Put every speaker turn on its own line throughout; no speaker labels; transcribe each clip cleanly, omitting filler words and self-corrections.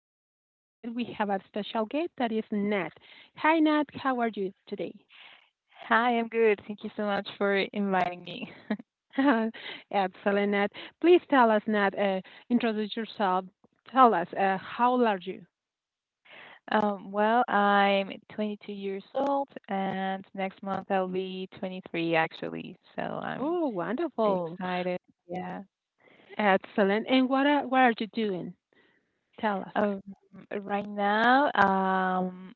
podcast. Today we have a special guest that is Nat. Hi Nat, how are you today?
Hi, I'm good. Thank you so much for inviting me.
Excellent, Nat. Please tell us, Nat, introduce yourself. Tell us, how old are you?
Well, I'm 22 years old, and next month I'll be 23 actually. So I'm
Oh,
very
wonderful.
excited. Yeah.
Excellent. And what are you doing? Tell us.
Um, right now,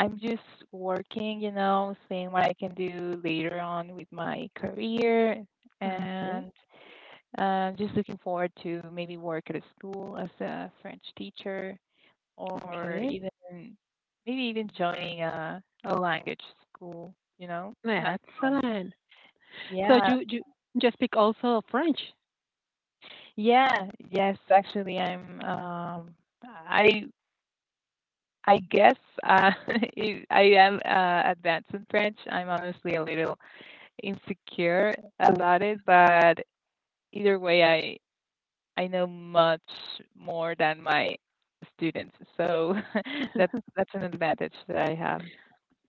I'm just working, seeing what I can do later on with my career,
Okay,
and just looking forward to maybe work at a school as a French teacher, or
okay.
even maybe even joining a language school, you know? Um,
Excellent. So
yeah.
you speak also French.
Yeah. Yes, actually, I I guess uh, I am advanced in French. I'm honestly a little insecure about it, but either way, I know much more than my students, so that's that's an advantage that I have.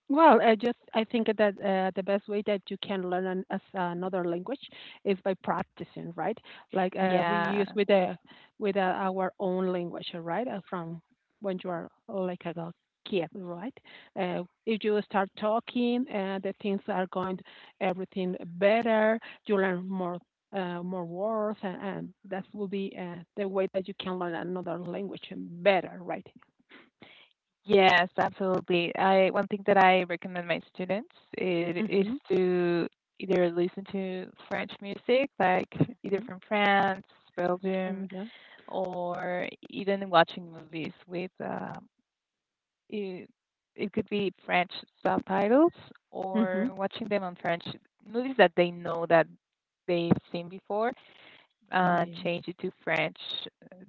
Well, I think that the best way that you can learn as another language is by practicing, right? Like we
Yeah.
use with our own language, right? From when you are like a kid, right? If you start talking, the things are going everything better. You learn more words, and that will be the way that you can learn another language better, right?
Yes, absolutely. I One thing that I recommend my students is
Mm-hmm.
to either listen to French music, like either from France,
Oh
Belgium,
yeah.
or even watching movies with it, it could be French subtitles,
Mm-hmm.
or watching them on French movies that they know that they've seen before,
Oh yeah.
change it to French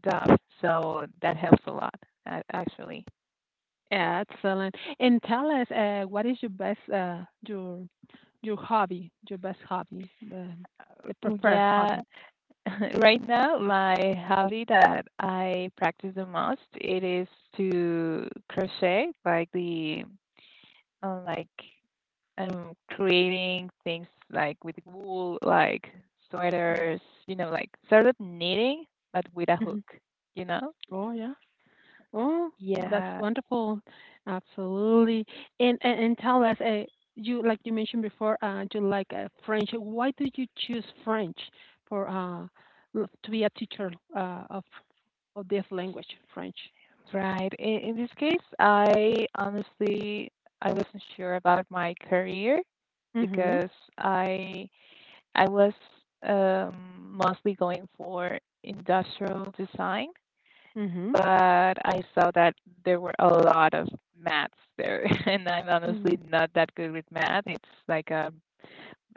dub. So that helps a lot, actually.
Excellent. And tell us, what is your best, your your hobby, your best hobby, the preferred
Yeah,
hobby?
right now, my hobby that I practice the most, it is to crochet, like the like I'm creating things like with wool, like sweaters, you know, like sort of knitting but with a
Mm-hmm.
hook, you know?
Oh yeah. Oh, that's
Yeah,
wonderful. Absolutely. And tell us, you mentioned before, you like French. Why did you choose French for uh to be a teacher of this language, French?
right. In this case, I honestly I wasn't sure about my career
Mm-hmm.
because I I was um, mostly going for industrial design,
Mm-hmm.
but I saw that there were a lot of maths there, and I'm honestly not that good with math. It's like a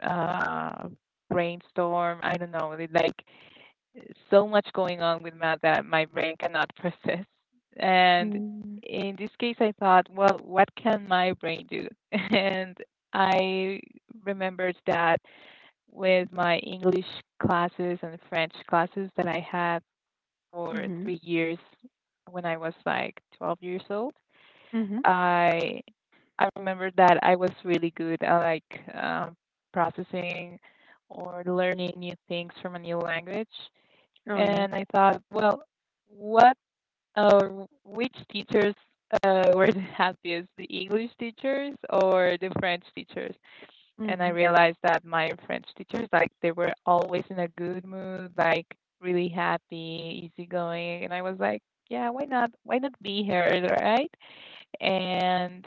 uh, brainstorm. I don't know, like so much going on with math that my brain cannot process. And
Mm-hmm.
in this case, I thought, well, what can my brain do? And I remembered that with my English classes and French classes that I had for
Mm-hmm.
3 years when I was like 12 years old.
Mm-hmm.
I I remember that I was really good at like processing or learning new things from a new language,
Oh yeah.
and I thought, well, what or which teachers were the happiest, the English teachers or the French teachers? And I
Mm-hmm.
realized that my French teachers, like, they were always in a good mood, like, really happy, easygoing, and I was like, yeah, why not? Why not be here, right? And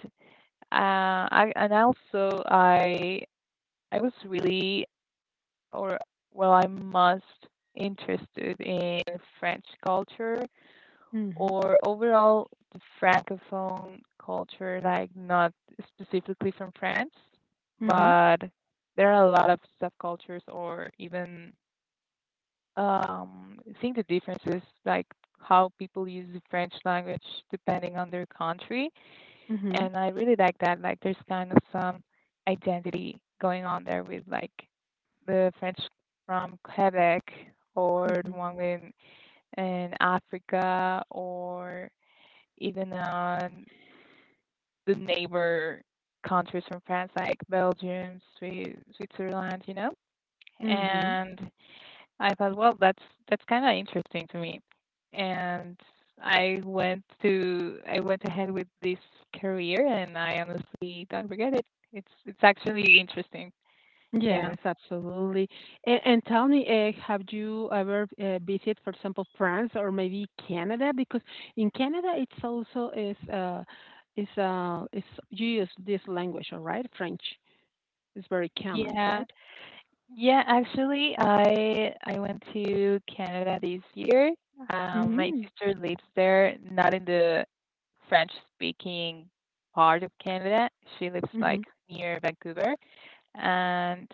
I and also I was really or well, I'm most interested in French culture,
Mhm,
or overall the francophone culture, like not specifically from France,
mhm,
but there are a lot of subcultures, or even seeing the differences, like how people use the French language depending on their country.
mhm,
And I really like that. Like there's kind of some identity going on there with like the French from Quebec, or the
mhm,
one in Africa, or even on the neighbor countries from France like Belgium, Switzerland, you know?
mhm.
And I thought, well, that's kind of interesting to me. And I went ahead with this career, and I honestly don't regret it. It's actually interesting. Yeah.
Yes, absolutely. And tell me, have you ever visited, for example, France or maybe Canada? Because in Canada, it's also is you use this language, all right? French is very common,
Yeah.
right?
Yeah, actually, I went to Canada this year. My
Mhm,
sister lives there, not in the French-speaking part of Canada. She lives like
mhm.
near Vancouver, and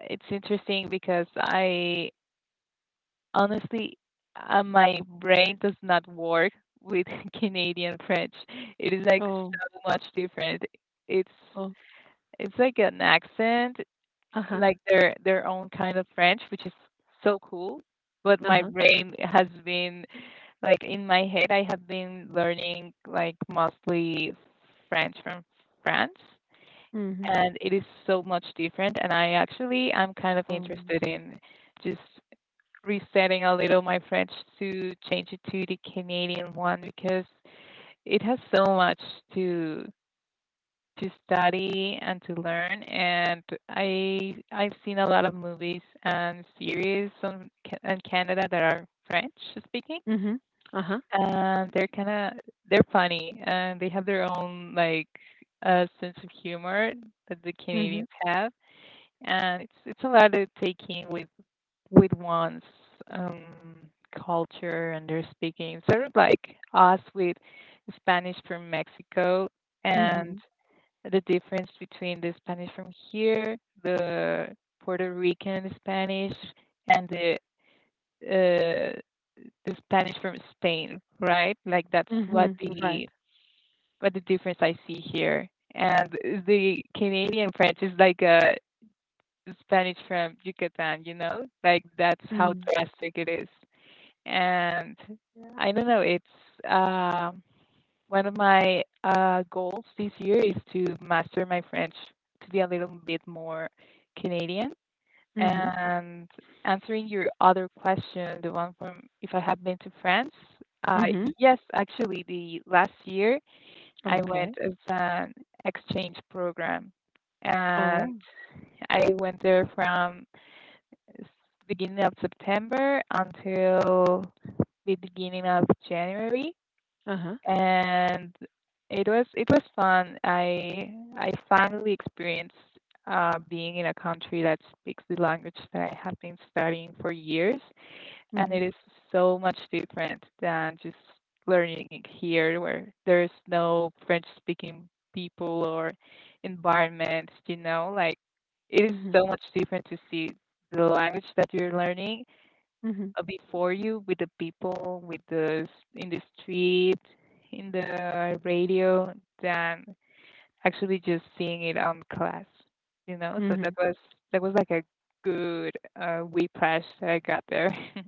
it's interesting because I honestly, my brain does not work with Canadian French. It is like
Oh,
so much different. It's
oh,
it's like an accent,
uh huh,
like their own kind of French, which is so cool. But
uh
my
huh.
brain has been like in my head, I have been learning like mostly French from France,
Mhm.
and it is so much different. And I actually I'm kind of
Oh,
interested in just resetting a little my French to change it to the Canadian one, because it has so much to to study and to learn, and I've seen a lot of movies and series on in canada that are french speaking,
mhm. Uh huh.
and they're kind of they're funny, and they have their own like sense of humor that the
Mhm.
canadians have, and it's a lot to take in with one's um culture and their speaking, sort of like us with spanish from mexico, and
Mhm.
the difference between the Spanish from here, the Puerto Rican Spanish, and uh, the Spanish from Spain, right? Like that's
Mhm. Right.
what the difference I see here. And the Canadian French is like a Spanish from Yucatan, you know? Like that's how
Mhm.
drastic it is. And I don't know, it's um one of my goals this year is to master my French, to be a little bit more Canadian.
Mhm.
And answering your other question, the one from if I have been to France, uh,
Mhm.
yes, actually, the last year I went
Okay.
as an exchange program, and
Oh.
I went there from s- beginning of September until the beginning of January,
Uh-huh.
and it was fun. I finally experienced being in a country that speaks the language that I have been studying for years, and
Mhm.
it is so much different than just learning it here, where there's no French-speaking people or environment. You know, like it is
Mhm.
so much different to see the language that you're learning
Mhm.
before you with the people, with the in the street, in the radio, than actually just seeing it on class. You know, so
Mhm.
that was like a good whiplash that I got there.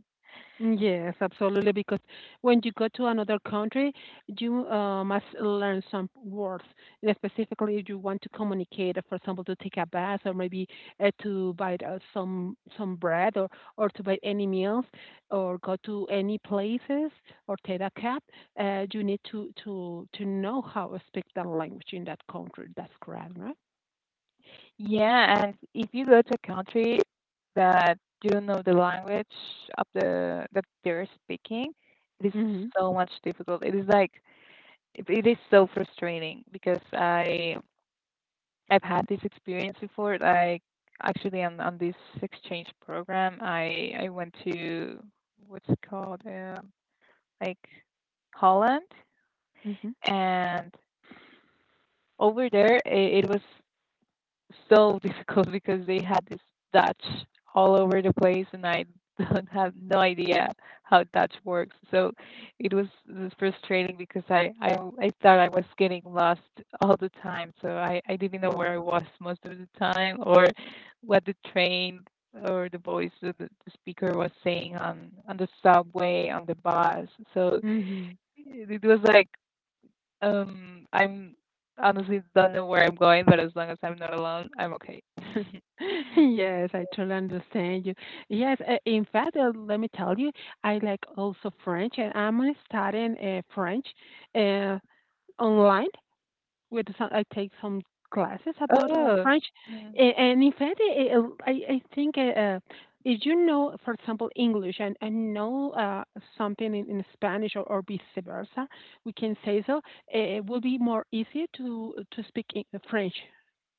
Yes, absolutely. Because when you go to another country, you must learn some words. And specifically, if you want to communicate, for example, to take a bath or maybe to buy some bread or to buy any meals or go to any places or take a cab, you need to to know how to speak that language in that country. That's correct, right?
Yeah, and if you go to a country that you don't know the language of the that they're speaking, it is
Mhm.
so much difficult. It is like it is so frustrating, because I've had this experience before. Like actually, on this exchange program, I went to what's it called, like Holland,
Mhm.
and over there it was so difficult, because they had this Dutch all over the place, and I don't have no idea how Dutch works. So it was, it frustrating because I thought I was getting lost all the time. So I didn't know
Oh.
where I was most of the time, or what the train or the voice of the speaker was saying on the subway on the bus. So
Hmm.
it was like I'm honestly don't know where I'm going, but as long as I'm not alone, I'm okay.
Yes, I totally understand you. Yes, in fact, let me tell you, I like also French, and I'm studying French uh, online. With I take some classes about
Oh,
French,
mm,
and in fact, it, I think if you know, for example, English and know something in Spanish or vice versa, we can say so. It will be more easy to speak in French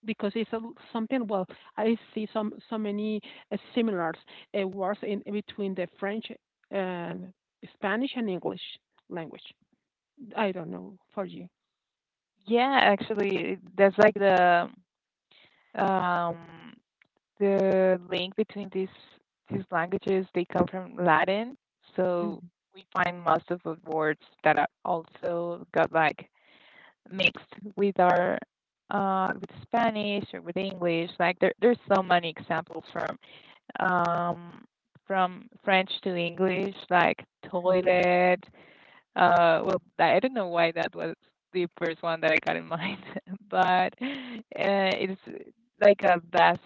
because it's something. Well, I see some so many similars words in between the French, um, Spanish, and English language. I don't know for you.
yeah, actually, that's like um the link between these languages. They come from Latin, so we find most of the words that are also got like mixed with our with Spanish or with English. Like there's so many examples um, from French to English, like
Hmm.
toilet. Well, I don't know why that was the first one that I got in mind, but it's like a vast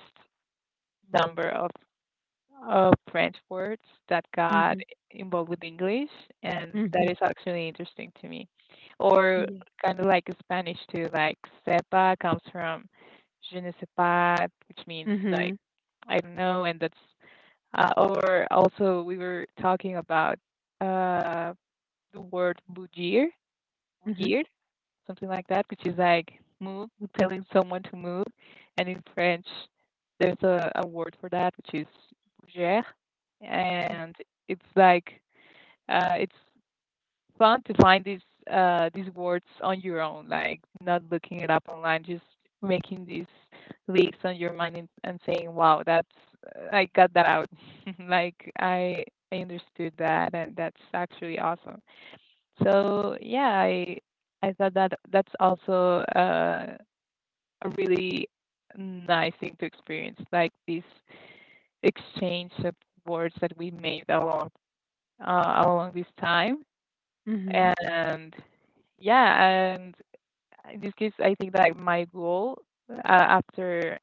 number of French words that got involved with English, and that
Mhm.
is actually interesting to me. Or
Yeah.
kind of like Spanish too, like sepa comes from je ne sais pas, which means like
Mhm.
I don't know. And that's or also we were talking about uh, the word mujir,
Mhm.
mujir, something like that, which is like move, telling someone to move. And in French, there's a word for that, which is bouger,
Mm.
and it's like it's fun to find these words on your own, like not looking it up online, just making these leaks on your mind, and saying, "Wow, that's I got that out." Like I understood that, and that's actually awesome. So yeah, I thought that that's also a really nice thing to experience, like this exchange of words that we made along along this time,
Mhm.
and yeah, and in this case, I think that my goal after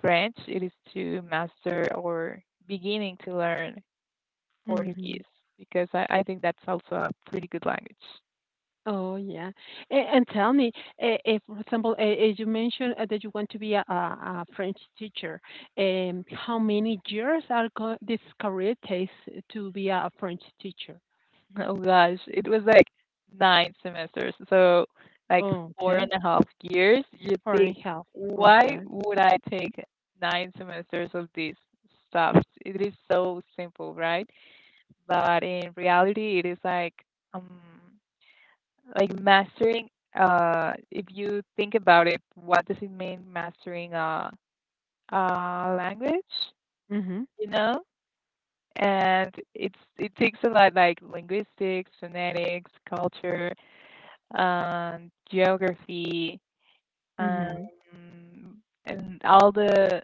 French it is to master or beginning to learn
Mhm.
Portuguese, because I think that's also a pretty good language.
Oh, yeah. And tell me, for example, you mentioned that you want to be a French teacher. How many years this career takes to be a French teacher?
Oh gosh, it was like nine semesters, so like
Oh,
four
okay.
and a half years. You
Four and
think
a half.
why
Okay.
would I take nine semesters of this stuff? It is so simple, right? But in reality, it is like. Um, like mastering if you think about it, what does it mean mastering a language,
Mhm.
you know? And it's it takes a lot, like linguistics, phonetics, culture, geography, um
Mhm.
and all the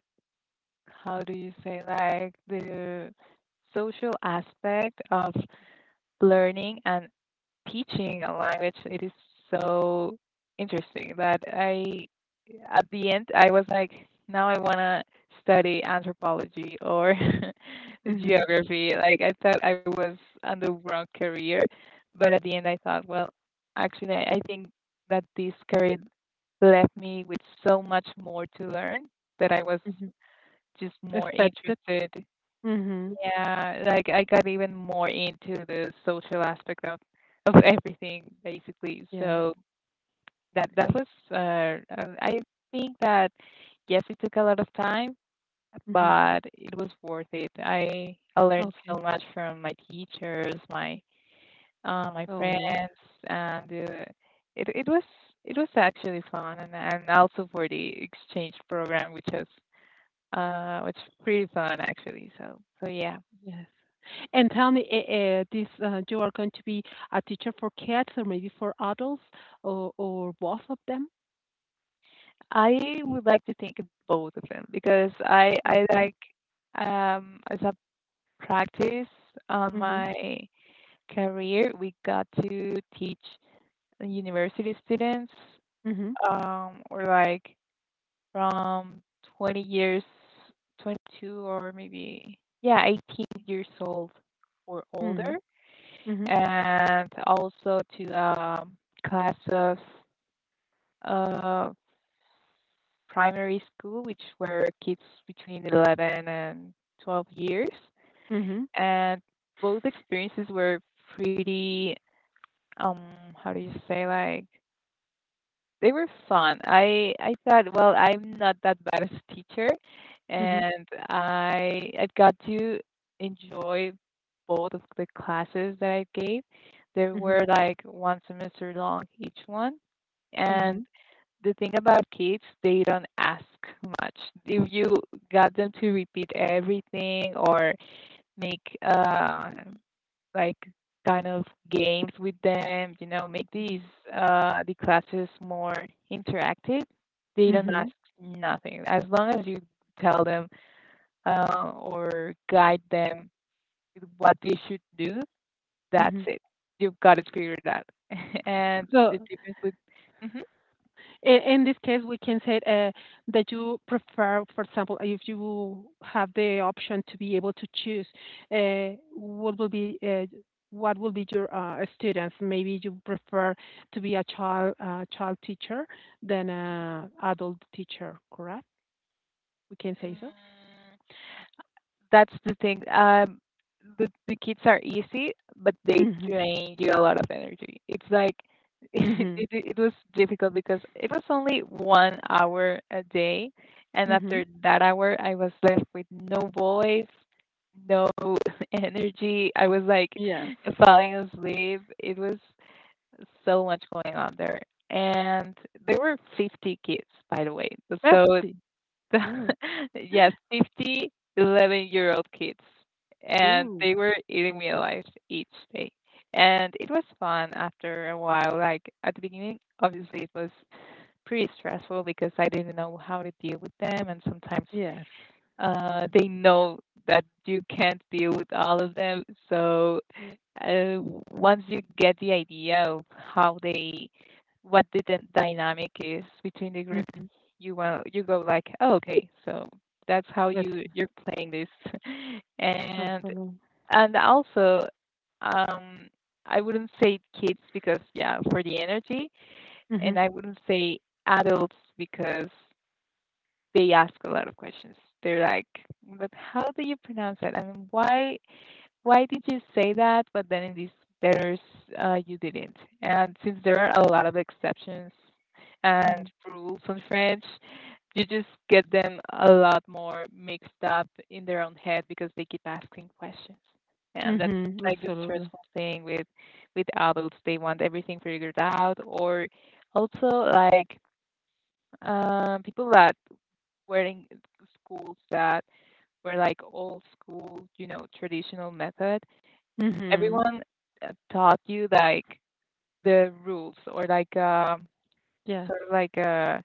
how do you say, like the social aspect of learning and teaching a language, it is so interesting that at the end, I was like, now I want to study anthropology or
Mhm.
geography. Like, I thought I was on the wrong career, but at the end, I thought, well, actually, I think that this career left me with so much more to learn, that I was
Mhm.
just more
Expected.
interested.
Mhm.
Yeah, like I got even more into the social aspect of everything basically.
Yeah.
So that was I think that yes, it took a lot of time,
Mhm.
but it was worth it. I learned
Okay.
so much from my teachers, my my
Oh,
friends,
yeah.
and it it was actually fun, and also for the exchange program, which was which pretty fun actually. So yeah.
Yes. And tell me, you are going to be a teacher for kids or maybe for adults or both of them?
I would like to think of both of them because I
Okay.
like as a practice on
Mhm.
my career we got to teach university students,
Mhm.
um, or like from 20 years, 22, or maybe, yeah, 18 years old or older,
Mhm. Mhm.
and also to, um, class of uh primary school, which were kids between 11 and 12 years.
Mhm.
And both experiences were pretty, um, how do you say, like, they were fun. I thought, well, I'm not that bad as a teacher,
Mhm.
and I got to enjoy both of the classes that I gave. They
Mhm.
were like one semester long each one, and
Mhm.
the thing about kids, they don't ask much. If you got them to repeat everything or make like kind of games with them, you know, make these
Mhm.
the classes more interactive, they don't ask
Mhm.
nothing. As long as you tell them or guide them with what they should do, that's
Mhm.
it. You've got it figured out. And the
So
difference with... Mhm.
in this case, we can say that you prefer, for example, if you have the option to be able to choose, what will be your students? Maybe you prefer to be a child teacher than an adult teacher, correct? We can say so.
Mm, that's the thing. The kids are easy, but they
Mhm.
drain you a lot of energy. It's like
Mhm.
it was difficult because it was only 1 hour a day, and
Mhm.
after that hour, I was left with no voice, no energy. I was like
Yes.
falling asleep. It was so much going on there. And there were 50 kids, by the way. So
That's the. Ooh.
yes, 50 11-year-old year old kids, and
Ooh.
they were eating me alive each day. And it was fun after a while. Like at the beginning, obviously it was pretty stressful because I didn't know how to deal with them, and sometimes
Yes.
they know that you can't deal with all of them. So uh, once you get the idea of how they, what the dynamic is between the group,
Mhm.
you go like, oh, okay, so that's how
That's
you're playing this, and
absolutely.
also, um, I wouldn't say kids because, yeah, for the energy, and
Mhm.
I wouldn't say adults because they ask a lot of questions. They're like, "But how do you pronounce it? And why did you say that? But then in these letters, you didn't." And since there are a lot of exceptions and
Mhm.
rules on French, you just get them a lot more mixed up in their own head because they keep asking questions. And that's
Mhm.
like the
Absolutely.
stressful thing with adults. They want everything figured out, or also like, people that wearing schools that were like old school, you know, traditional method,
Mhm.
everyone taught you like the rules, or like, um,
Yes.
sort of like, uh,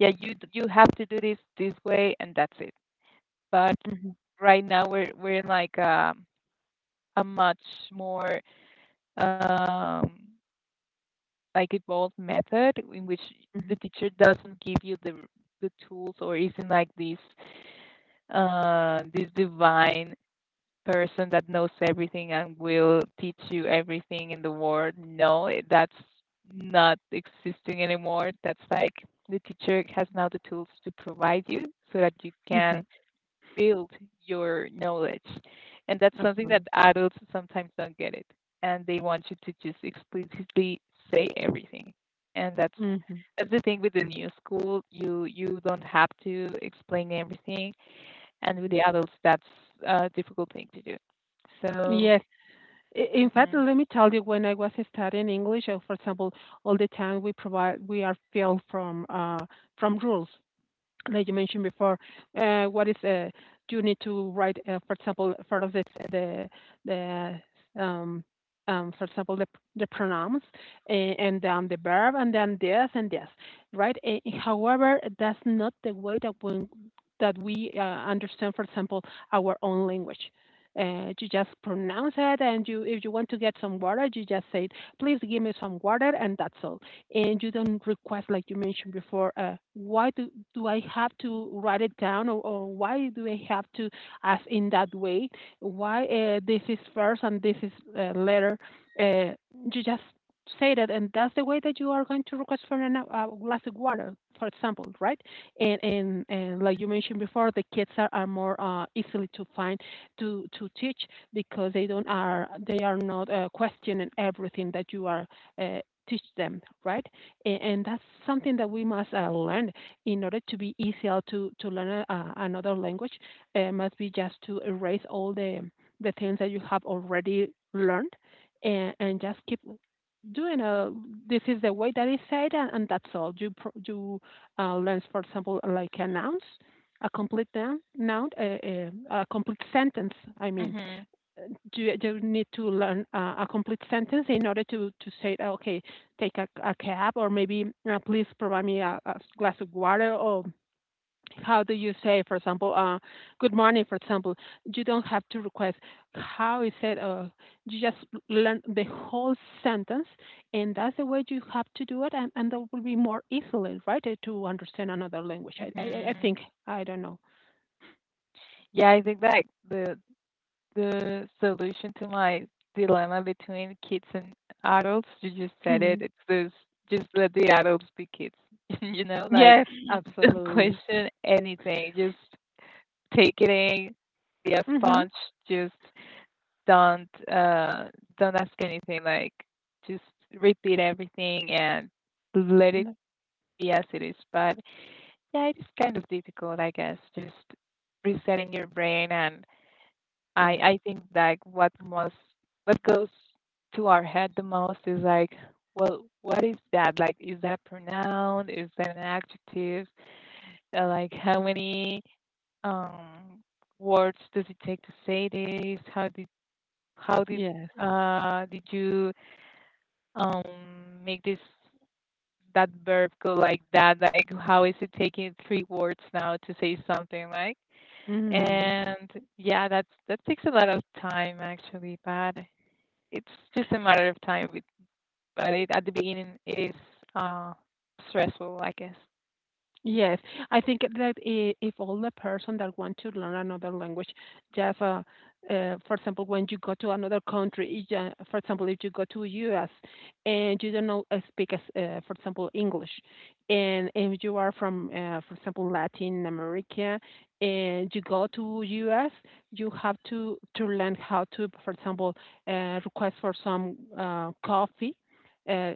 yeah, you you have to do this this way, and that's it. But
Mhm,
right now we're in like, um, a much more, um, like evolved method in which the
mhm,
teacher doesn't give you the tools, or isn't like this this divine person that knows everything and will teach you everything in the world. No, that's not existing anymore. That's like the teacher has now the tools to provide you so that you can
mhm.
build your knowledge. And that's something that
Absolutely.
adults sometimes don't get it. And they want you to just explicitly say everything. And
Mhm,
that's the thing with the new school. You don't have to explain everything, and with
mhm.
the adults that's a difficult thing to do. So...
Yes. I in fact,
Mhm.
let me tell you, when I was studying English, for example, all the time we are filled from rules. Like you mentioned before, what is you need to write, for example, for the the um, for example the pronouns and the verb and then this and this, right? However, that's not the way that when that we understand, for example, our own language. You just pronounce it, and you if you want to get some water, you just say, "Please give me some water," and that's all and you don't request, like you mentioned before, why do I have to write it down or why do I have to ask in that way? Why this is first and this is later? Uh, you just say that, and that's the way that you are going to request for a glass of water, for example, right? And like you mentioned before, the kids are more easily to find to teach because they are not questioning everything that you are uh, teach them, right? And that's something that we must learn in order to be easier to learn another language. It must be just to erase all the things that you have already learned, and just keep doing a this is the way that is said and that's all you learn, for example, like a noun, a complete noun, a complete sentence. I mean,
Mhm.
do you need to learn a complete sentence in order to say, "Oh, okay, take a cab, or maybe please provide me a glass of water, or how do you say, for example, good morning," for example. You don't have to request how is it. You just learn the whole sentence, and that's the way you have to do it, and that will be more easily, right, to understand another language. I
Mhm.
think. I don't know.
Yeah, I think that the solution to my dilemma between kids and adults, you just said
Hmm.
it, it's this: just let the adults be kids. You know, like
Yes,
don't
absolutely.
question anything, just take it in, be a
Hmm.
sponge, just don't uh don't ask anything, like just repeat everything and let it... Yes, it is. But yeah, it is kind of difficult, I guess, just resetting your brain. And
Yeah.
I think like what most, what goes to our head the most is like, well, what is that? Like, is that a pronoun? Is that an adjective? Like, how many, um, words does it take to say this? How did,
Yes.
did you, um, make this that verb go like that, like how is it taking three words now to say something like...
Hmm.
and yeah, that takes a lot of time actually, but it's just a matter of time with but it, at the beginning it is uh stressful, I guess.
Yes. I think that if all the person that want to learn another language, just for example, when you go to another country, if, for example, if you go to U.S. and you don't know speak, for example, English, and if you are from, for example, Latin America, and you go to U.S., you have to learn how to, for example, request for some coffee. uh,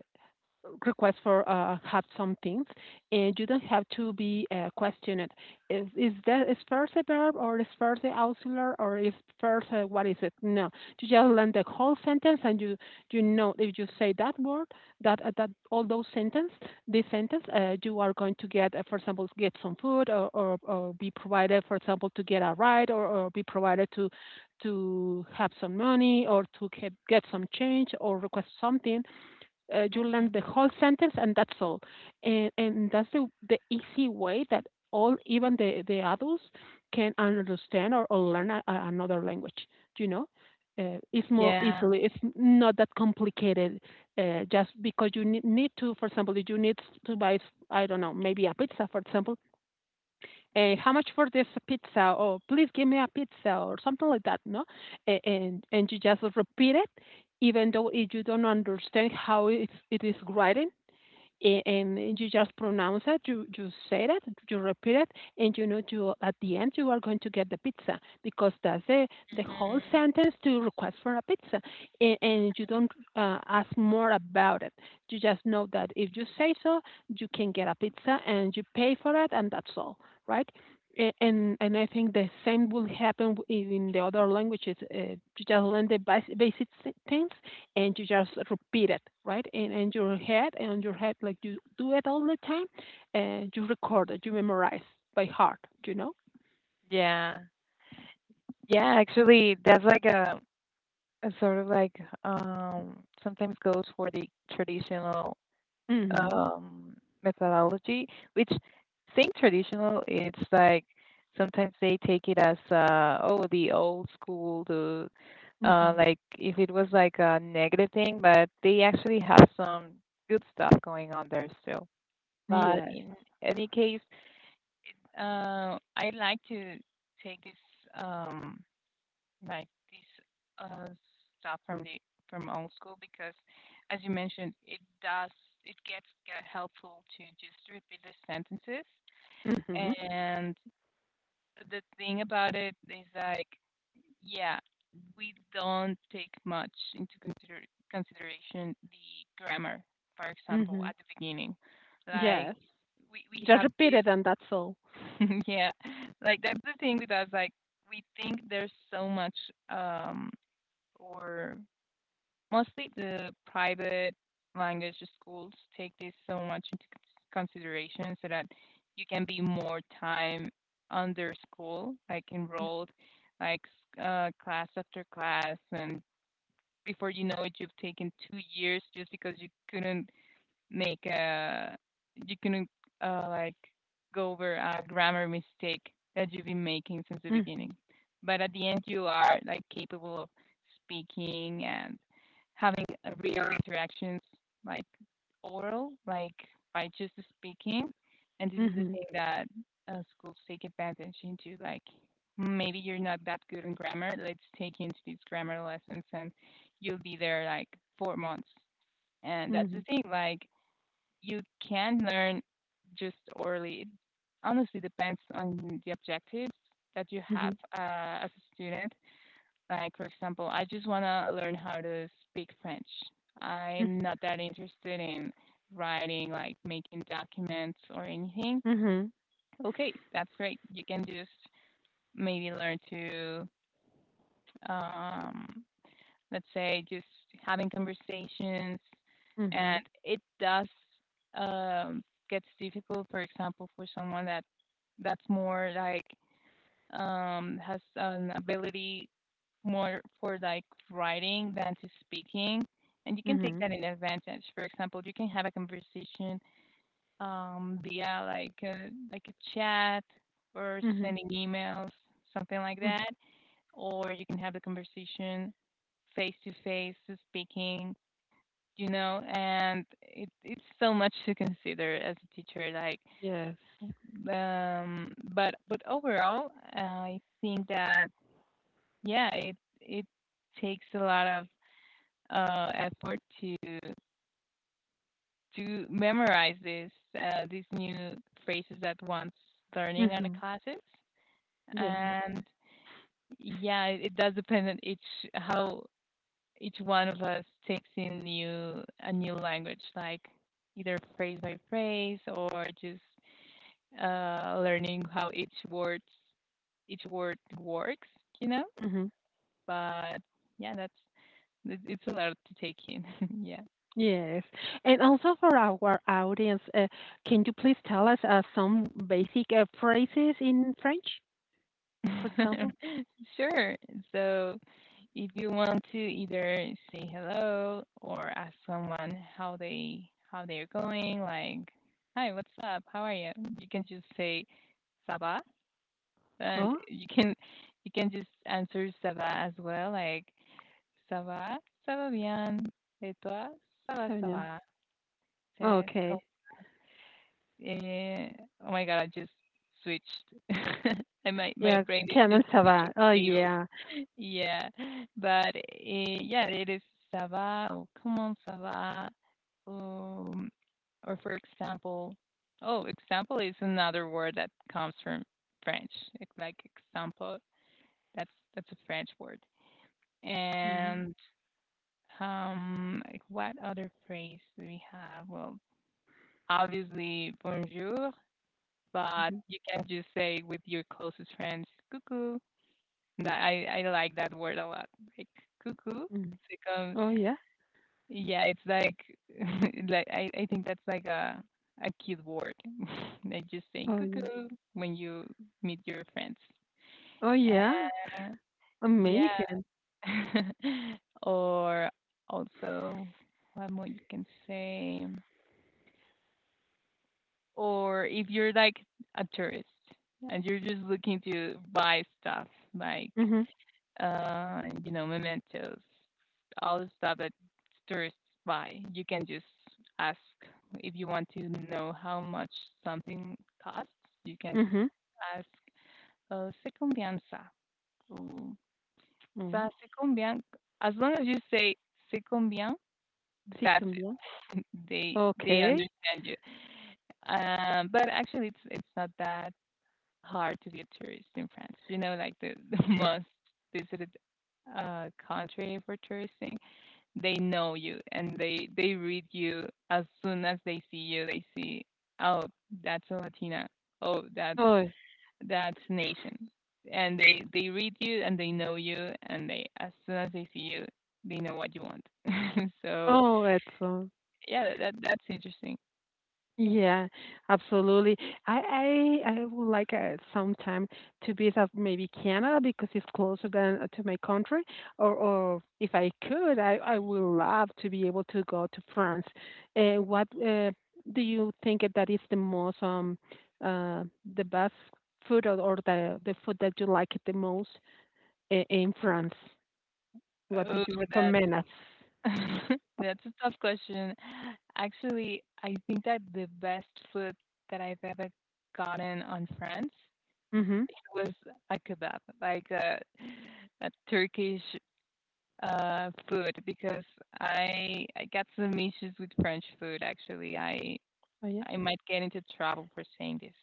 request for have some things, and you don't have to be questioned. Is that is first a verb, or is first the auxiliary, or is first what is it? No, you just learn the whole sentence and you know if you say that word that all those sentence this sentence you are going to get for example get some food, or be provided for example to get a ride or be provided to have some money or to get some change or request something, you learn
Mm.
the whole sentence and that's all, and that's the easy way that all even the adults can understand or learn another language, you know. uh, it's more
Yeah.
easily it's not that complicated, just because you need to, for example, if you need to buy, I don't know, maybe a pizza for example, how much for this pizza? Or please give me a pizza or something like that, no? And you just repeat it, even though if you don't understand how it is written, and you just pronounce it, you say it, you repeat it, and you know you at the end you are going to get the pizza because that's the whole
Hmm.
sentence to request for a pizza, and you don't ask more about it. You just know that if you say so, you can get a pizza and you pay for it, and that's all, right? And I think the same will happen in the other languages. You just learn the basic things and you just repeat it, right? And in your head, like you do it all the time, and you record it, you memorize by heart, you know?
Yeah, yeah, actually that's like a sort of like, um, sometimes goes for the traditional,
Mm-hmm.
um, methodology, which, saying traditional, it's like sometimes they take it as, oh, the old school, the
Mm-hmm.
like if it was like a negative thing, but they actually have some good stuff going on there still. But
Yes.
in any case, I like to take this. Um, like this uh, stuff from the from old school, because as you mentioned, it does, it gets helpful to just repeat the sentences.
Mm-hmm.
And the thing about it is like, yeah, we don't take much into consideration the grammar, for example,
Mm-hmm.
at the beginning. Like
Yes.
we
Just
have
repeat it, and that's all.
this, yeah, like that's the thing with us. Like we think there's so much, um, or mostly the private language schools take this so much into consideration so that you can be more time under school, like enrolled, like, class after class, and before you know it, you've taken 2 years just because you couldn't make a, you can, like go over a grammar mistake that you've been making since the
Mm-hmm.
beginning. But at the end, you are like capable of speaking and having, real interactions, like oral, like by just speaking. And this is the
Mm-hmm.
thing that schools take advantage into. Like maybe you're not that good in grammar. Let's take you into these grammar lessons, and you'll be there like 4 months. And that's the
Mm-hmm.
thing. Like you can learn just orally. It honestly depends on the objectives that you
Mm-hmm.
have, as a student. Like, for example, I just want to learn how to speak French. I'm not that interested in writing, like making documents or anything.
Mm-hmm.
Okay, that's great. You can just maybe learn to, um, let's say just having conversations,
Mm-hmm.
and it does, um, gets difficult, for example, for someone that that's more like, um, has an ability more for like writing than to speaking, and you can take
Mm-hmm.
that in advantage. For example, you can have a conversation, um, via like a chat, or
Mm-hmm.
sending emails, something like that, or you can have the conversation face to face, speaking, you know, and it's so much to consider as a teacher, like,
Yes.
um, but overall I think that yeah, it takes a lot of effort to memorize this, these new phrases that one's learning on the
Mm-hmm.
classes.
Yes.
And yeah, it does depend on each how each one of us takes in new a new language, like either phrase by phrase, or just, learning how each word works, you know.
Mm-hmm.
But yeah, that's, it's a lot to take in. Yeah.
Yes. And also for our audience, can you please tell us some basic phrases in French, for example?
Sure. So if you want to either say hello or ask someone how they how they're going, like, hi, what's up? How are you? You can just say Saba, and
Oh,
you can just answer Saba as well, like Ça va? Ça va bien. Et toi? Ça va,
so
ça
no.
va. C'est c'est com-
Okay.
eh, oh my God, I just switched. And my
Yeah,
brain is just
comment ça va?
switching
Oh,
cables.
yeah.
Yeah, but eh, yeah, it is ça va or come on, ça va. Um, or for example, oh, example is another word that comes from French. Like example, that's a French word.
Mhm,
And... um, like what other phrase do we have? Well, obviously bonjour, but
mhm,
you can just say with your closest friends, cuckoo. That I like that word a lot. Like cuckoo.
mhm.
It's like, um,
Oh, yeah.
yeah, it's like like I think that's like a cute word. Like just saying
Oh, yeah.
cuckoo when you meet your friends.
Oh, yeah.
And yeah.
Amazing.
Or also what more you can say? Or if you're like a tourist and you're just looking to buy stuff, like,
Mhm.
you know, mementos, all the stuff that tourists buy, you can just ask, if you want to know how much something costs, you can just
Mhm.
ask, se combien ça Ooh. Ça
Oh,
se combien. As long as you say se combien,
c'est
that's it.
combien?
They
Okay.
understand you. Um, but actually, it's not that hard to be a tourist in France. Like the, the
Yeah.
most visited country for touristing. They know you and they read you as soon as they see you. They see, oh, that's a Latina. Oh, that's
Oh,
that's nation. And they read you and they know you and they as soon as they see you, they know what you want. So
oh, excellent.
yeah, that's interesting.
Yeah, absolutely. I would like sometime to visit maybe Canada because it's closer than to my country. Or if I could, I would love to be able to go to France. What do you think that is the most uh the best food or the food that you like the most in France? What do
Oh,
you
that,
recommend us?
that's a tough question. Actually, I think that the best food that I've ever gotten on France
Mm-hmm.
was a kebab, like a Turkish food, because I got some issues with French food. Actually, I
Oh yeah.
I might get into trouble for saying this,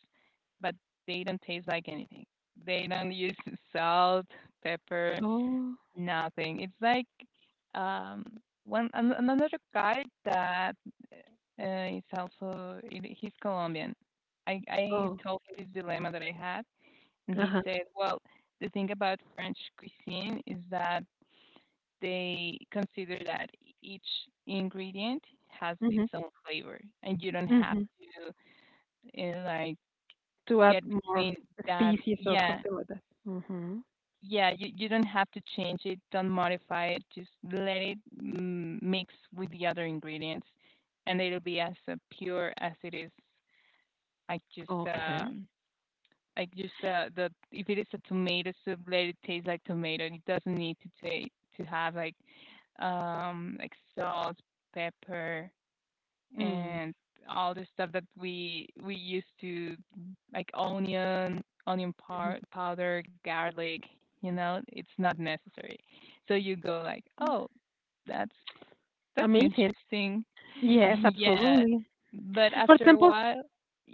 but they don't taste like anything. They don't use salt, pepper.
Oh.
Nothing. It's like um, another guy that is also he's Colombian. I
Oh.
told him this dilemma that I had, and he
Uh-huh.
said, "Well, the thing about French cuisine is that they consider that each ingredient has
Mm-hmm.
its own flavor, and you don't have
Mm-hmm.
to like
To add
get
more
between that.
species or
Yeah,
something like that. Mhm.
yeah, you don't have to change it, don't modify it, just let it mix with the other ingredients, and it'll be as pure as it is. Like just
Okay.
um, like just the if it is a tomato soup, let it taste like tomato. It doesn't need to take to have like salt, pepper,
Mm,
and all the stuff that we used to like onion, onion
mhm.
par- powder, garlic. You know, it's not necessary. So you go like,
Mm.
oh, that's that's
Amazing.
interesting.
Yes,
Yeah,
absolutely.
but
For
after a
example,
while,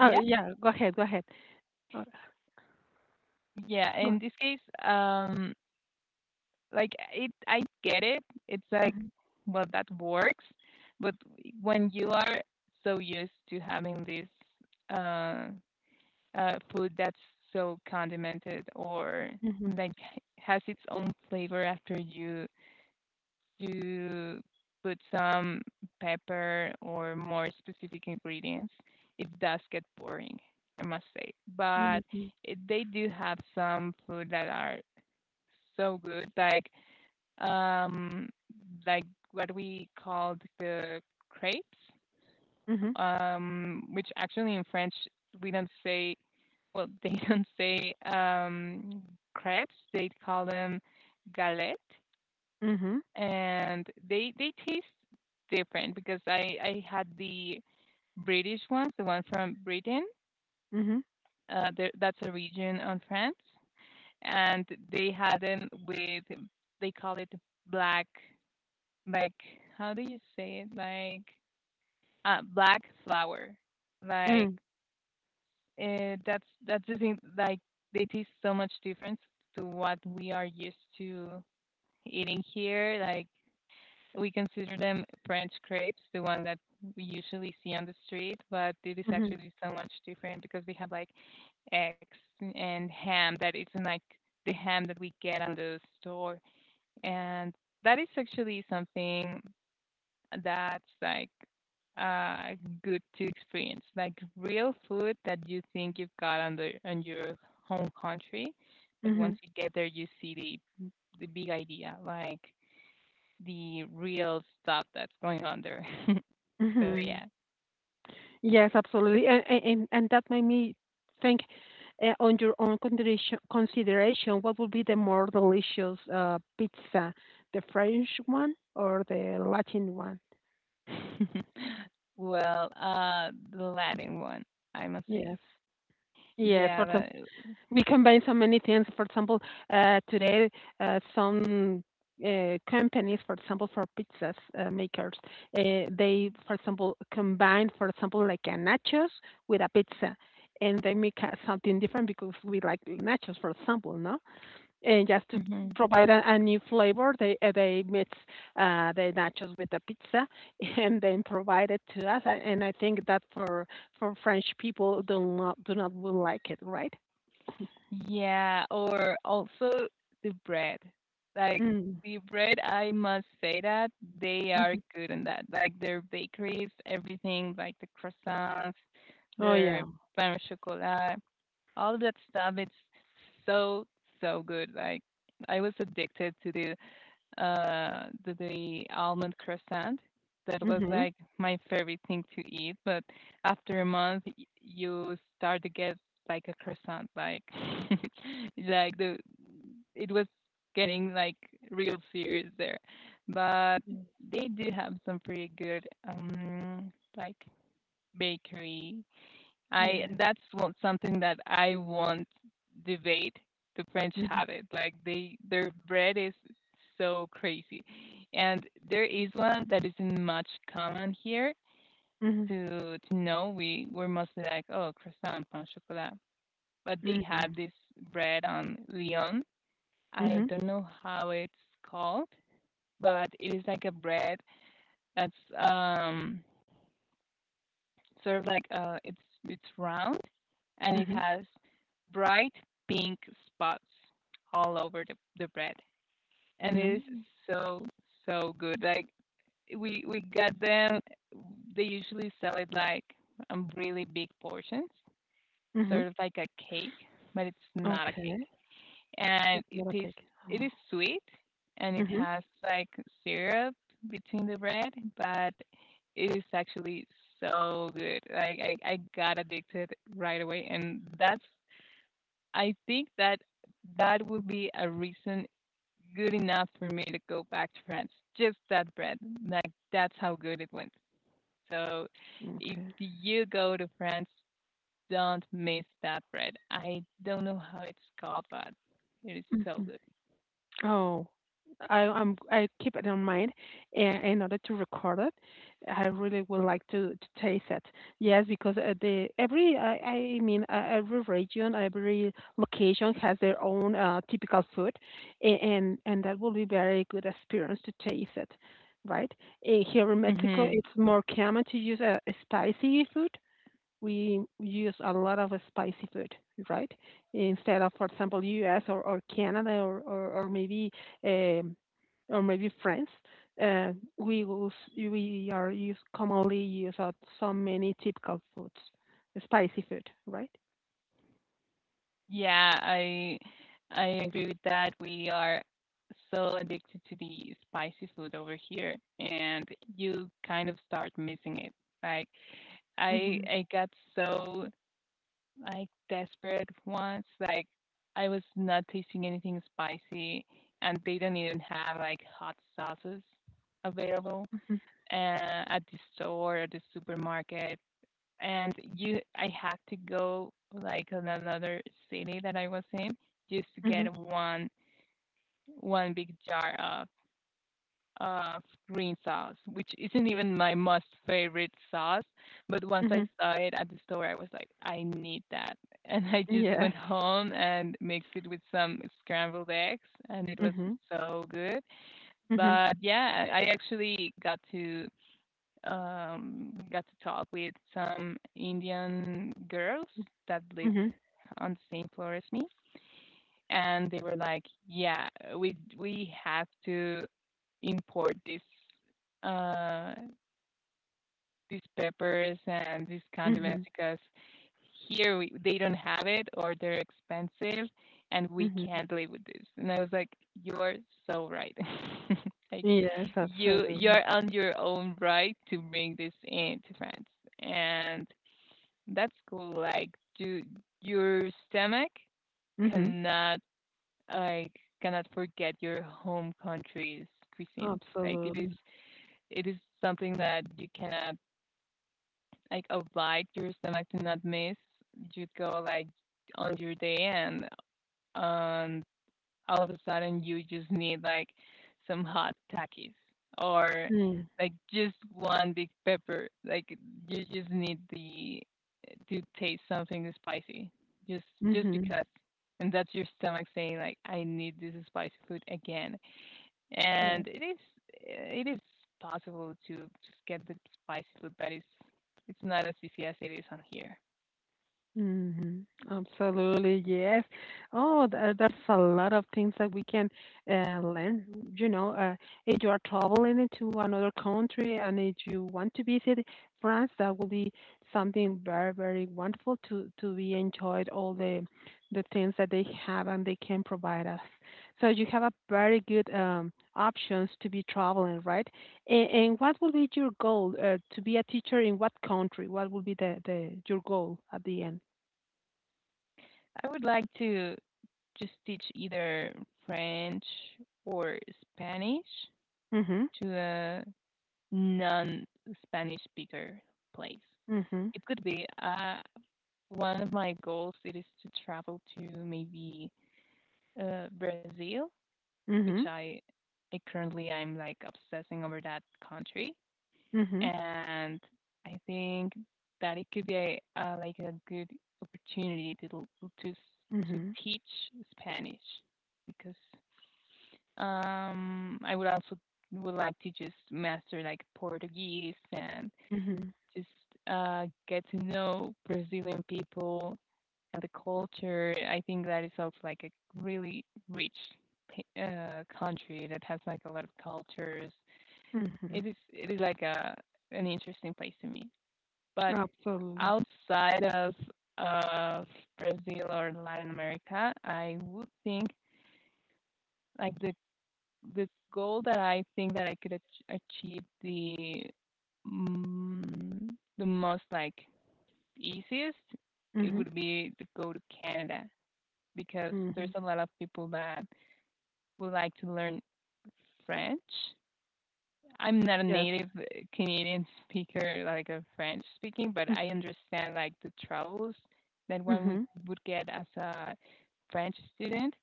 oh, yeah, go ahead, go ahead. Uh,
yeah.
go
In this case, like it, I get it. It's like,
Mhm,
well, that works. But when you are so used to having this uh, food that's so condimented or
mhm,
like has its own flavor after you put some pepper or more specific ingredients, it does get boring, I must say. But
mhm,
they do have some food that are so good, um, like what we called the crepes,
mhm,
which actually in French we don't say. Well, they don't say crepes; they call them galette,
mhm,
and they taste different because I had the British ones, the one from Britain.
mhm, mhm,
Uh, that's a region on France, and they had them with, they call it black, like how do you say it, like black flour, like
mm,
that's the thing. Like they taste so much different to what we are used to eating here. Like we consider them French crepes, the one that we usually see on the street, but it is
mhm,
actually so much different because they have like eggs and ham that isn't like the ham that we get on the store, and that is actually something that's like uh good to experience, like real food that you think you've got on your home country, but once
mhm,
you get there you see the big idea, like the real stuff that's going on there. So
mhm.
yeah.
Yes, absolutely, and that made me think, eh, on your own consideration, what would be the more delicious, pizza, the French one or the Latin one?
Well, the latin one, I must say.
Yes. Yes. For some,
Yeah,
we combine so many things. For example, today, some companies, for example, for pizzas makers, they, for example, combine, for example, like a nachos with a pizza, and they make something different because we like nachos, for example, no? And just to
that,
provide a new flavor, they mix the nachos with the pizza and then provide it to us. And I think that for French people do not will like it, right?
Yeah, or also the bread. Like
Mm.
the bread, I must say that they are
Hmm.
good on that. Like their bakeries, everything, like the croissants,
Oh
their
yeah.
pain au chocolat, all that stuff. It's so, so good. Like I was addicted to the almond croissant. That was
Mm-hmm.
like my favorite thing to eat. But after a month, you start to get like a croissant, like like the it was getting like real serious there. But they do have some pretty good like bakery, I
Yeah.
that's what something that I want debate. The French
Mm-hmm.
have it. Like they their bread is so crazy. And there is one that isn't much common here
Mm-hmm.
to know. We're mostly like, oh, croissant, pain au chocolat. But they have this bread on Lyon. I
Mm-hmm.
don't know how it's called, but it is like a bread that's sort of like it's round and it
Mm-hmm.
has bright pink spots all over the bread. And it is
Mm-hmm.
so, so good. Like we got them. They usually sell it like really big portions,
Mm-hmm.
sort of like a cake, but it's not a cake.
Okay.
And
It's
it
not a
is
cake.
it is
Oh.
sweet and it
Mm-hmm.
has like syrup between the bread, but it is actually so good. Like I got addicted right away, and that's I think that that would be a reason good enough for me to go back to France. Just that bread. Like, that's how good it went. So, if
Okay.
you go to France, don't miss that bread. I don't know how it's called, but it is so good.
Oh, I keep it in mind, and in order to record it, I really would like to taste it. Yes, because the every I mean, every region, every location has their own typical food, and that will be very good experience to taste it, right? Here in Mexico,
Hmm.
it's more common to use a spicy food, we use a lot of spicy food, right? Instead of, for example, U.S. or Canada or maybe um, or maybe France, uh, we will, we are use commonly use out so many typical foods, spicy food, right?
Yeah, I agree with that. We are so addicted to the spicy food over here, and you kind of start missing it. Like I
Mhm.
I got so like desperate once. Like I was not tasting anything spicy, and they don't even have like hot sauces available
Mhm.
at the store or the supermarket. And I had to go like in another city that I was in just to
Mhm.
get one big jar of uh, green sauce, which isn't even my most favorite sauce. But once I
Mhm.
saw it at the store, I was like, I need that. And I just
Yes.
went home and mixed it with some scrambled eggs, and it was
Mhm.
so good.
Mhm.
But yeah, I actually got to talk with some Indian girls that lived
Mhm.
on the same floor as me, and they were like, "Yeah, we have to import uh, these peppers and these condiments
Mhm.
because here they don't have it or they're expensive and we
Mhm.
can't live with this." And I was like, you're so right. Like
Yes,
you
absolutely.
you're on your own right to bring this in to France. And that's cool. Like you, your stomach
Mhm.
cannot like cannot forget your home country's cuisine. Like it is
Absolutely.
it is something that you cannot, like, oblige your stomach to not miss. You go like on your day, and um, all of a sudden you just need like some hot takis or
Mm.
like just one big pepper. Like you just need the to taste something spicy. Just just
Mhm.
because. And that's your stomach saying, like, I need this spicy food again,
Yeah.
and it is possible to just get the spicy food, but it's not as easy as it is on here.
Mhm. Absolutely, yes. Oh, there, there's a lot of things that we can learn. You know, if you are traveling into another country and if you want to visit France, that will be something very, very wonderful to be enjoyed all the things that they have and they can provide us. So you have a very good options to be traveling, right? And what will be your goal to be a teacher in what country? What will be the your goal at the end?
I would like to just teach either French or Spanish
Mhm.
to a non-Spanish speaker place.
Mhm.
It could be one of my goals. It is to travel to maybe Brazil, which
Mhm.
I currently I'm like obsessing over that country.
Mhm.
And I think that it could be like a good opportunity to l- to s- to
Mhm.
teach Spanish because I would also would like to just master like Portuguese and
Mhm.
just get to know Brazilian people and the culture. I think that is also like a really rich country that has like a lot of cultures.
Mhm.
It is like a an interesting place to me. But
Absolutely.
outside of Brazil or Latin America, I would think like the goal that I think that I could achieve mm, the most like easiest, it
Mhm.
would be to go to Canada because there's
Mhm.
a lot of people that would like to learn French. I'm not a
Yes.
native Canadian speaker, like a French speaking, but
Mm.
I understand like the troubles that one would
Mhm.
would get as a French student.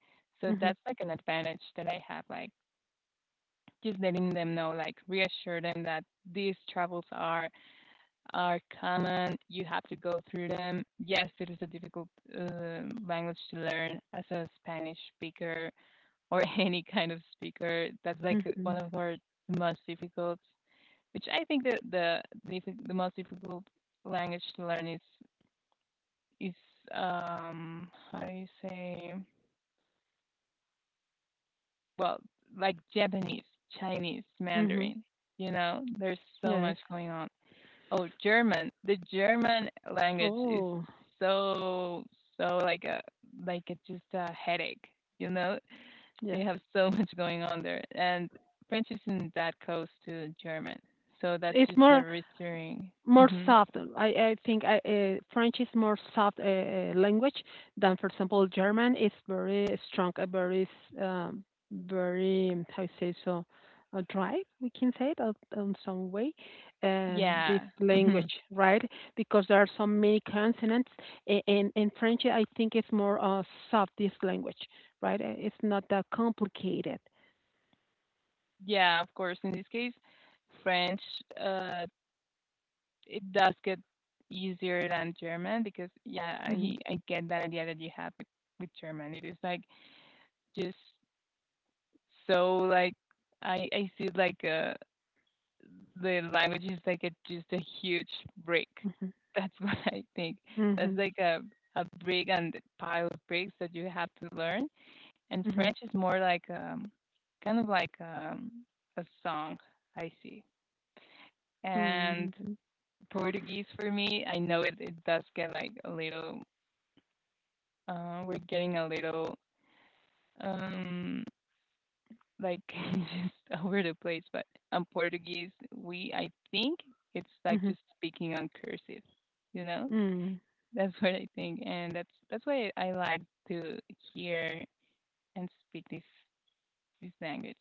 So
Mhm.
that's like an advantage that I have, like just letting them know, like reassure them that these troubles are common. You have to go through them. Yes, it is a difficult language to learn as a Spanish speaker, or any kind of speaker. That's like one
Mhm.
of our most difficult, which I think that the most difficult language to learn is how do you say, well, like Japanese, Chinese,
Mhm.
Mandarin. You know, there's so
Yes.
much going on. Oh, German. The German language is
Oh,
so, so like a, just a headache. You know, they
yes.
have so much going on there, and French isn't that close to German, so that's
It's
just a reassuring.
more
Hmm.
soft. I think French is more soft language than, for example, German is very strong, very s- very how you say so dry. We can say that in some way. This
Yeah. Mm-hmm.
language, right? Because there are so many consonants, and in French, I think it's more soft. This language, right? It's not that complicated.
Yeah, of course. In this case, French, uh, it does get easier than German because, yeah,
Hmm.
I get that idea that you have with German. It is like just so like I see like the language is like a just a huge brick.
Hmm.
That's what I think. That's
Hmm.
like a brick and a pile of bricks that you have to learn. And French is more like kind of like a song. I see, and
Hmm. Hmm.
Portuguese for me. I know it does get like a little, we're getting a little um, like just over the place, but on Portuguese, I think it's like
Hmm.
just speaking on cursive, you know?
Hmm.
That's what I think. And that's why I like to hear and speak this language.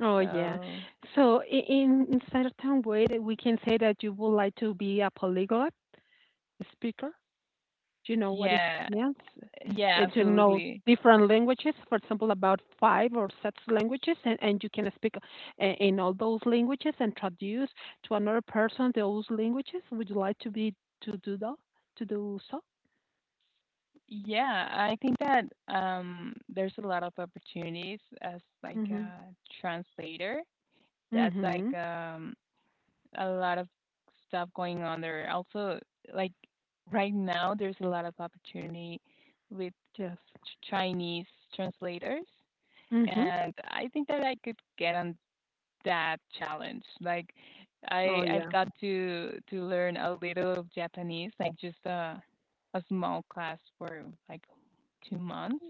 Oh yeah.
So
So in certain way that we can say that you would like to be a polyglot speaker. Do you know what it
yeah,
means?
yeah,
To know
absolutely.
different languages, for example, about five or six languages, and you can speak in all those languages and traduce to another person those languages. Would you like to be to do that? To do so?
Yeah, I think that there's a lot of opportunities as like
Mm-hmm.
a translator. That's like
Mm-hmm.
a lot of stuff going on there. Also, like right now, there's a lot of opportunity with
Yes.
Chinese translators,
Mm-hmm.
and I think that I could get on that challenge. Like,
Oh
I've
yeah.
got to learn a little of Japanese, like just a small class for like 2 months.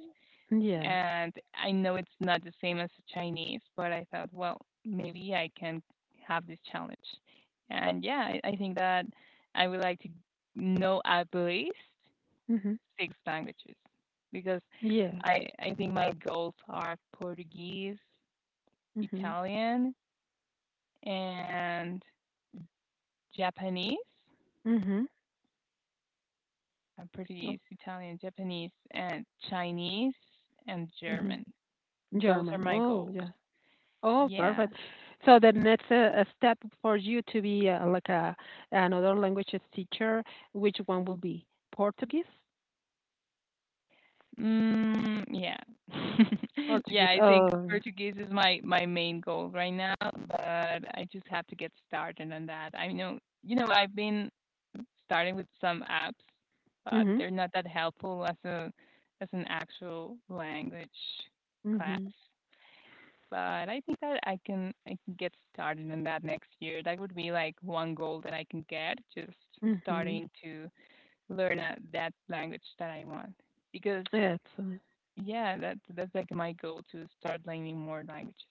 Yes.
And I know it's not the same as Chinese, but I thought, well, maybe I can have this challenge. And yeah, I think that I would like to know at least
Mm-hmm.
six languages because
Yes.
I think my goals are Portuguese,
Mm-hmm.
Italian, and Japanese.
Mm-hmm.
Portuguese, Italian, Japanese, and Chinese and
Mhm.
German. Those are
German.
my
Oh,
goals.
yeah. Oh,
Yeah.
perfect. So the next step for you to be like a another languages teacher, which one will be Portuguese?
Mm, yeah. Yeah,
Portuguese.
I
Oh,
think
yeah.
Portuguese is my main goal right now, but I just have to get started on that. I know, I've been starting with some apps, but
Mhm.
they're not that helpful as a as an actual language class.
Mhm.
But I think that I can get started on that next year. That would be like one goal that I can get, just
Mhm.
starting to learn that language that I want because
Excellent.
yeah, that's like my goal to start learning more languages.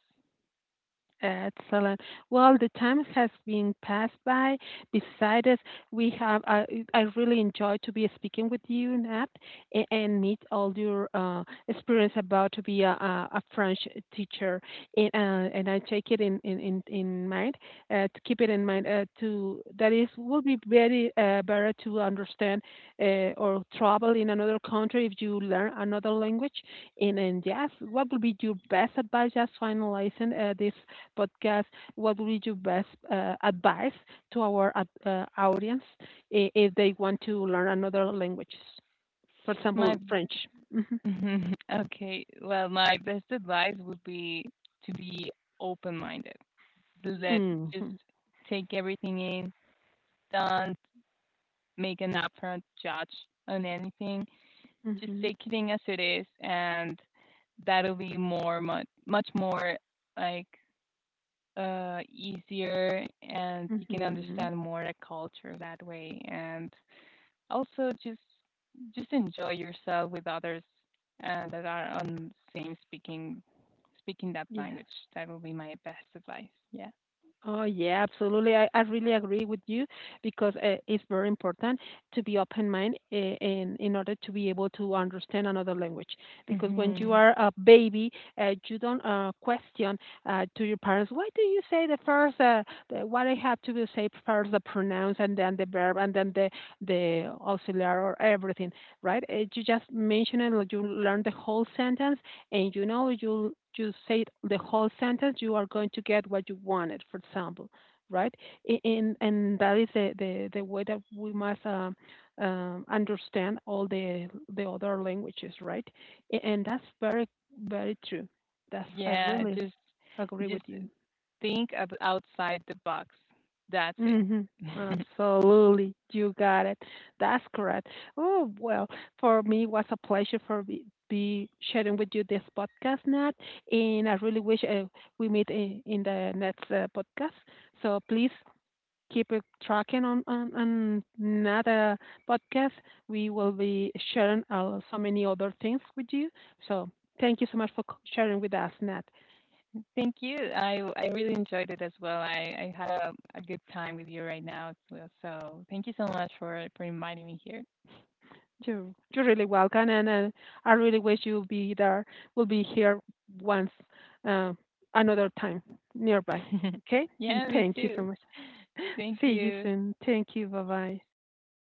Excellent. Well, the time has been passed by. Besides, us, we have. I really enjoyed to be speaking with you, Nat, and meet all your experience about to be a French teacher. And I take it in mind to keep it in mind to that is will be very better to understand or travel in another country if you learn another language. And yes, what would be your best advice just finalizing this podcast, what would be your best advice to our audience if they want to learn another language? For example,
My
French. Mm-hmm.
okay, well, my best advice would be to be open-minded. Let just
Mm-hmm.
take everything in. Don't make an upfront judge on anything. Just
Mm-hmm.
take it in as it is, and that'll be more much much more like easier, and you can
Mm-hmm.
understand more the culture that way, and Also, just enjoy yourself with others that are on same speaking that
Yes.
language. That will be my best advice. Yeah.
Oh, yeah, absolutely. I really agree with you because it's very important to be open minded in order to be able to understand another language. Because when you
Hmm.
are a baby, you don't question to your parents, why do you say the first, the, what I have to do, say first, the pronouns, and then the verb, and then the auxiliary or everything, right? You just mention it, like you learn the whole sentence, and you know you say the whole sentence you are going to get what you wanted, for example, right. And that is the way that we must understand all the other languages, right. And that's very, very true. That's I
Yeah,
really
just
agree with
just
you.
think outside the box. That's it.
Hmm. Absolutely, you got it. That's correct. Oh well, for me, it was a pleasure be sharing with you this podcast, Nat. And I really wish we meet in the next podcast. So please keep it tracking on another podcast. We will be sharing so many other things with you. So thank you so much for sharing with us, Nat.
Thank you. I really enjoyed it as well. I had a good time with you right now as well. So thank you so much for inviting me here.
You're you're really welcome, and I really wish you'll be there. We'll be here once, uh, another time nearby. Okay, and
Yeah, me
thank you so
too.
much.
Thank
See you
you.
soon. Thank you. Bye bye.